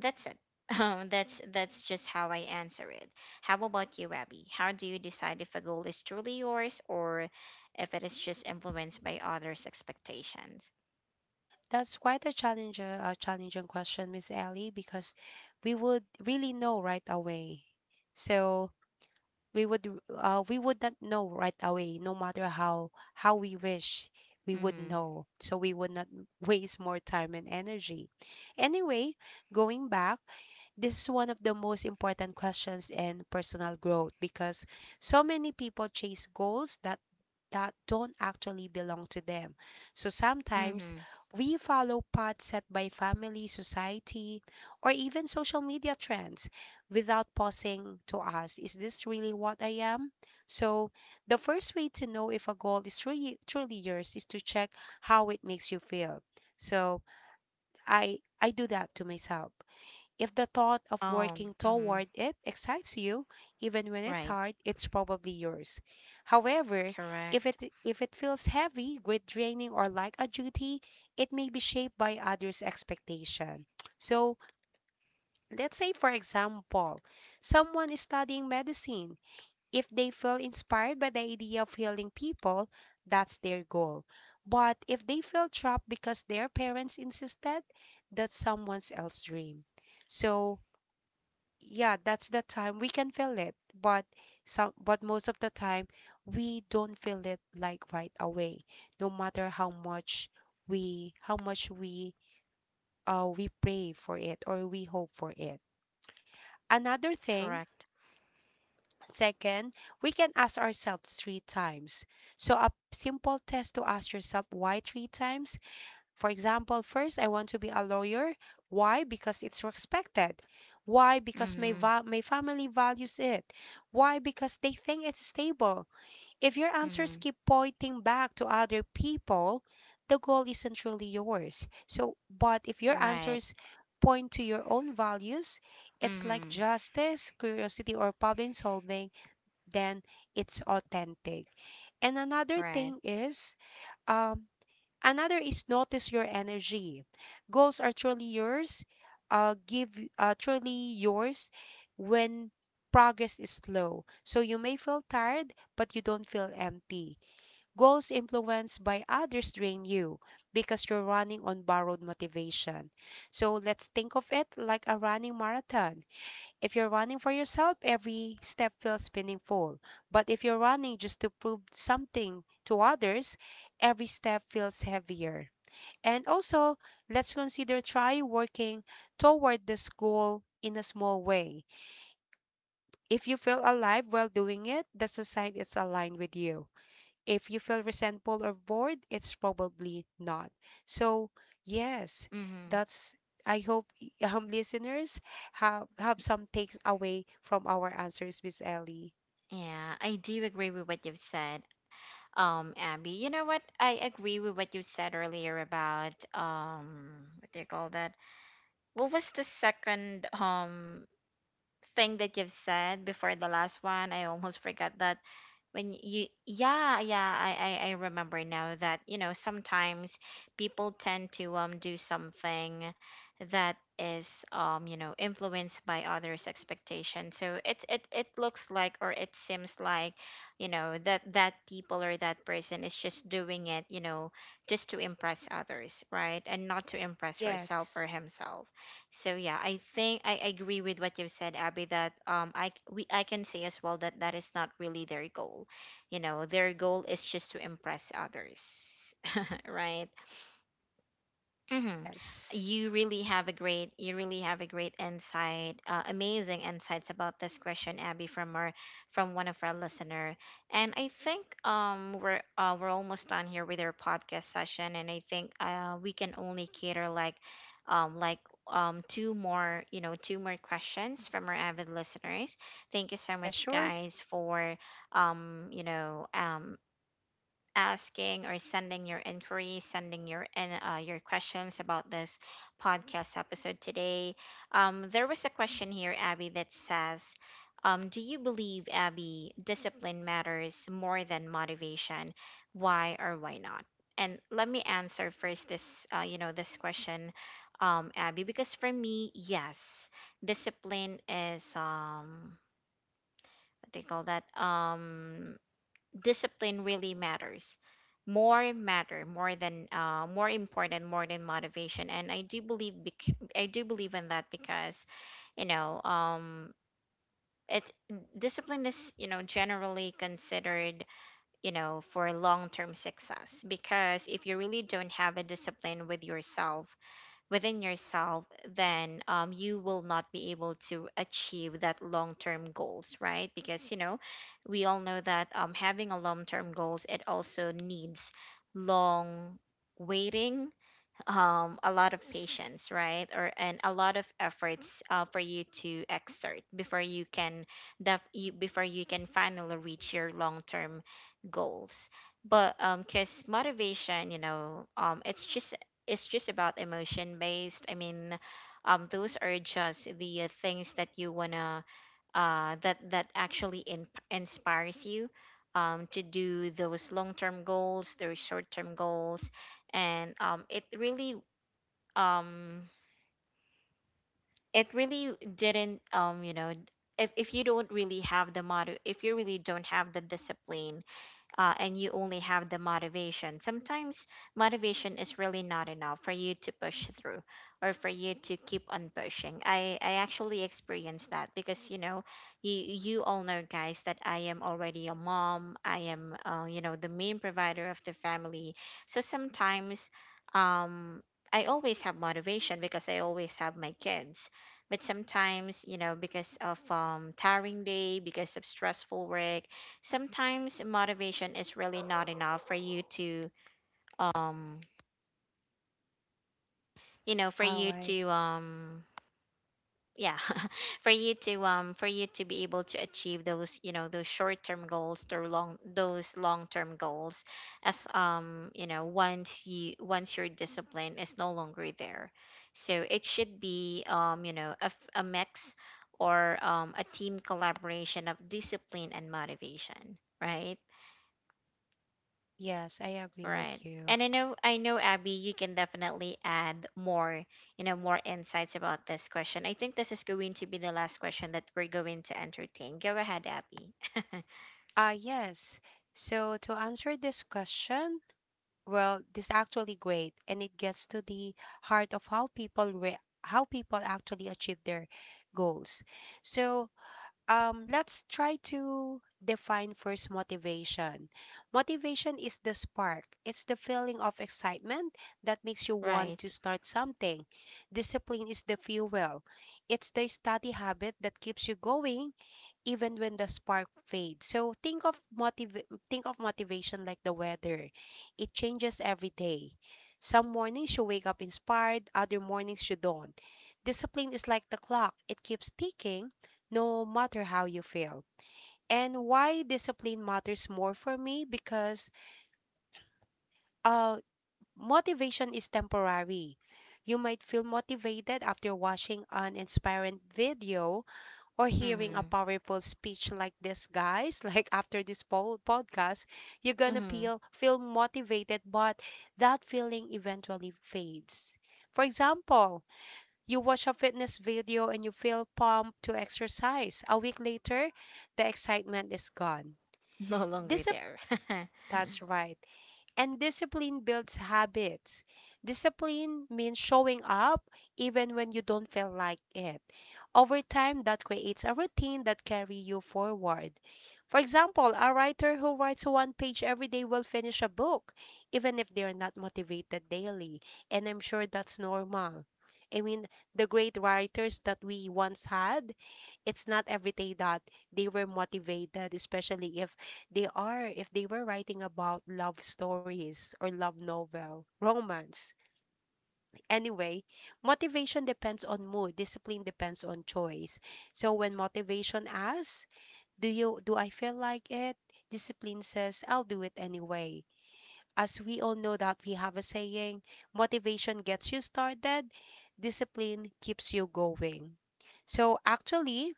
That's it. Um, that's that's just how I answer it. How about you, Abby? How do you decide if a goal is truly yours or if it is just influenced by others' expectations?
That's quite a challenge, uh, a challenging question, Miss Ellie, because we would really know right away. So we would, r- uh, we would not know right away, no matter how how we wish we would
Mm-hmm.
know. So we would not waste more time and energy. Anyway, going back, this is one of the most important questions in personal growth because so many people chase goals that that don't actually belong to them. So sometimes
Mm-hmm.
we follow paths set by family, society, or even social media trends without pausing to ask, is this really what I am? So the first way to know if a goal is really truly yours is to check how it makes you feel. So I I do that to myself. If the thought of
Oh,
working
mm-hmm.
toward it excites you, even when it's
Right.
hard, it's probably yours. However,
Correct.
if it if it feels heavy, grit draining, or like a duty, it may be shaped by others' expectation. So let's say for example, someone is studying medicine. If they feel inspired by the idea of healing people, that's their goal. But if they feel trapped because their parents insisted, that's someone else's dream. So yeah, that's the time we can feel it, but some but most of the time we don't feel it like right away, no matter how much we how much we uh we pray for it or we hope for it. Another thing,
Correct.
second, we can ask ourselves three times. So a simple test: to ask yourself why three times. For example, first, I want to be a lawyer. Why? Because it's respected. Why? Because my,
Mm-hmm.
va- my family values it. Why? Because they think it's stable. If your
Mm-hmm.
answers keep pointing back to other people, the goal isn't truly yours. So, but if your
Right.
answers point to your own values, it's like
Mm-hmm.
justice, curiosity, or problem solving, then it's authentic. And another
Right.
thing is, um, another is notice your energy. Goals are truly yours, uh, give uh, truly yours when progress is slow. So you may feel tired, but you don't feel empty. Goals influenced by others drain you because you're running on borrowed motivation. So let's think of it like a running marathon. If you're running for yourself, every step feels meaningful. But if you're running just to prove something to others, every step feels heavier. And also, let's consider try working toward this goal in a small way. If you feel alive while doing it, that's a sign it's aligned with you. If you feel resentful or bored, it's probably not. So, yes,
Mm-hmm.
that's I hope y- um listeners have have some takes away from our answers, Miss Ellie.
Yeah, I do agree with what you've said, um, Abby. You know what? I agree with what you said earlier about, um, what do you call that? What was the second um thing that you've said before the last one? I almost forgot that. When you Yeah, yeah, I I, I remember now that, you know, sometimes people tend to um do something that is, um, you know, influenced by others' expectations. So it it it looks like, or it seems like, you know, that that people, or that person, is just doing it, you know, just to impress others, right? And not to impress herself
Yes.
or himself. So yeah, I think I agree with what you said, Abby. That, um, I we I can say as well, that that is not really their goal. You know, their goal is just to impress others, right? Mm-hmm.
Yes.
You really have a great, you really have a great insight, uh, amazing insights about this question, Abby, from our, from one of our listener. And I think um we're uh, we're almost done here with our podcast session, and I think uh we can only cater like, um like um, two more you know two more questions from our avid listeners. Thank you so
Yeah,
much, you
sure.
guys, for um you know um asking, or sending your inquiries, sending your in, uh, your questions about this podcast episode today. Um, there was a question here, Abby, that says, um, "Do you believe, Abby, discipline matters more than motivation? Why or why not?" And let me answer first this, uh, you know, this question, um, Abby, because for me, yes, discipline is um, what they call that um discipline really matters more matter more than uh, more important more than motivation, and i do believe bec- i do believe in that because you know um it discipline is, you know, generally considered, you know, for long term success, because if you really don't have a discipline with yourself within yourself, then um, you will not be able to achieve that long-term goals, right? Because, you know, we all know that um, having a long-term goals, it also needs long waiting um, a lot of
Yes.
patience, right? Or and a lot of efforts uh, for you to exert before you can def- you, before you can finally reach your long term goals. But um, cause motivation, you know, um, it's just it's just about emotion based. I mean, um, those are just the uh, things that you wanna uh that that actually in- inspires you. Um, to do those long-term goals, those short-term goals, and um, it really um it really didn't um you know if if you don't really have the motto if you really don't have the discipline, uh, and you only have the motivation. Sometimes motivation is really not enough for you to push through or for you to keep on pushing. I, I actually experienced that, because you know, you you all know, guys, that I am already a mom. I am, uh, you know, the main provider of the family. So sometimes um, I always have motivation because I always have my kids. But sometimes, you know, because of um, tiring day, because of stressful work, sometimes motivation is really not enough for you to um you know for
All
you
right.
to um yeah, for you to um for you to be able to achieve those, you know, those short term goals or long those long term goals, as um you know, once you once your discipline is no longer there. So it should be um you know, a, f- a mix or um, a team collaboration of discipline and motivation, right?
Yes, I agree
Right.
with you.
And I know, I know Abby, you can definitely add more, you know, more insights about this question. I think this is going to be the last question that we're going to entertain. Go ahead, Abby.
Ah, yes. So to answer this question, well, this actually great and it gets to the heart of how people re- how people actually achieve their goals. So, um, let's try to define first motivation. Motivation is the spark, it's the feeling of excitement that makes you want
Right.
to start something. Discipline is the fuel, it's the study habit that keeps you going even when the spark fades. So think of motiv- think of motivation like the weather. It changes every day. Some mornings you wake up inspired, other mornings you don't. Discipline is like the clock. It keeps ticking no matter how you feel. And why discipline matters more for me because uh motivation is temporary. You might feel motivated after watching an inspiring video or hearing a
Mhm.
powerful speech like this guys like after this po- podcast you're gonna
Mhm.
feel feel motivated but that feeling eventually fades. For example, you watch a fitness video and you feel pumped to exercise. A week later, the excitement is gone.
No longer
Discipline,
there.
that's right. And discipline builds habits. Discipline means showing up even when you don't feel like it. Over time, that creates a routine that carry you forward. For example, a writer who writes one page every day will finish a book, even if they are not motivated daily. And I'm sure that's normal. I mean, the great writers that we once had, it's not every day that they were motivated, especially if they are, if they were writing about love stories or love novel, romance. Anyway, motivation depends on mood, discipline depends on choice. So when motivation asks, do you do I feel like it? Discipline says, I'll do it anyway. As we all know that we have a saying, motivation gets you started, discipline keeps you going. So actually,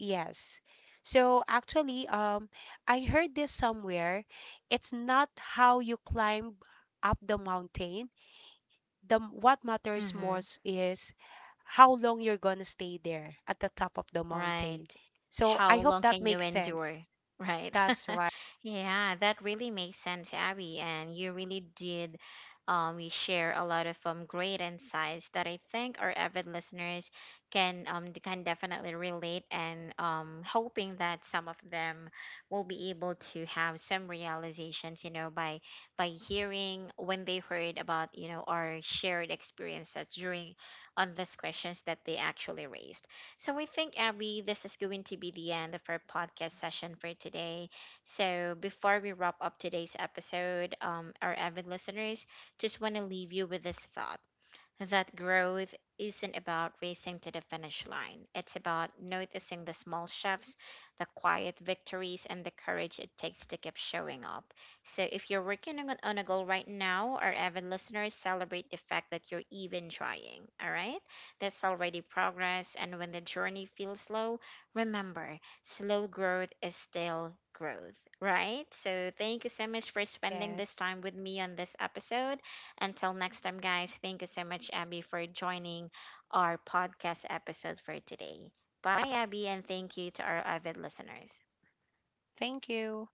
yes. So actually, um, I heard this somewhere. It's not how you climb up the mountain. The m- what matters
Mhm.
most is how long you're gonna stay there at the top of the
Right.
mountain. So
How
I hope
long
that
can you
makes sense.
endure? Right.
That's right.
Yeah, that really makes sense, Abby. And you really did, um we share a lot of um great insights that I think our avid listeners can um d- can definitely relate, and um hoping that some of them will be able to have some realizations, you know, by by hearing when they heard about, you know, our shared experiences during on these questions that they actually raised. So we think, Abby, this is going to be the end of our podcast session for today. So before we wrap up today's episode, um, our avid listeners, just want to leave you with this thought that growth isn't about racing to the finish line. It's about noticing the small shifts, the quiet victories, and the courage it takes to keep showing up. So, if you're working on on a goal right now, our avid listeners, celebrate the fact that you're even trying. All right? That's already progress. And when the journey feels slow, remember, slow growth is still growth, right? So, thank you so much for spending this
Yes.
time with me on this episode. Until next time, guys, thank you so much, Abby, for joining our podcast episode for today. Bye, Abby, and thank you to our avid listeners.
Thank you.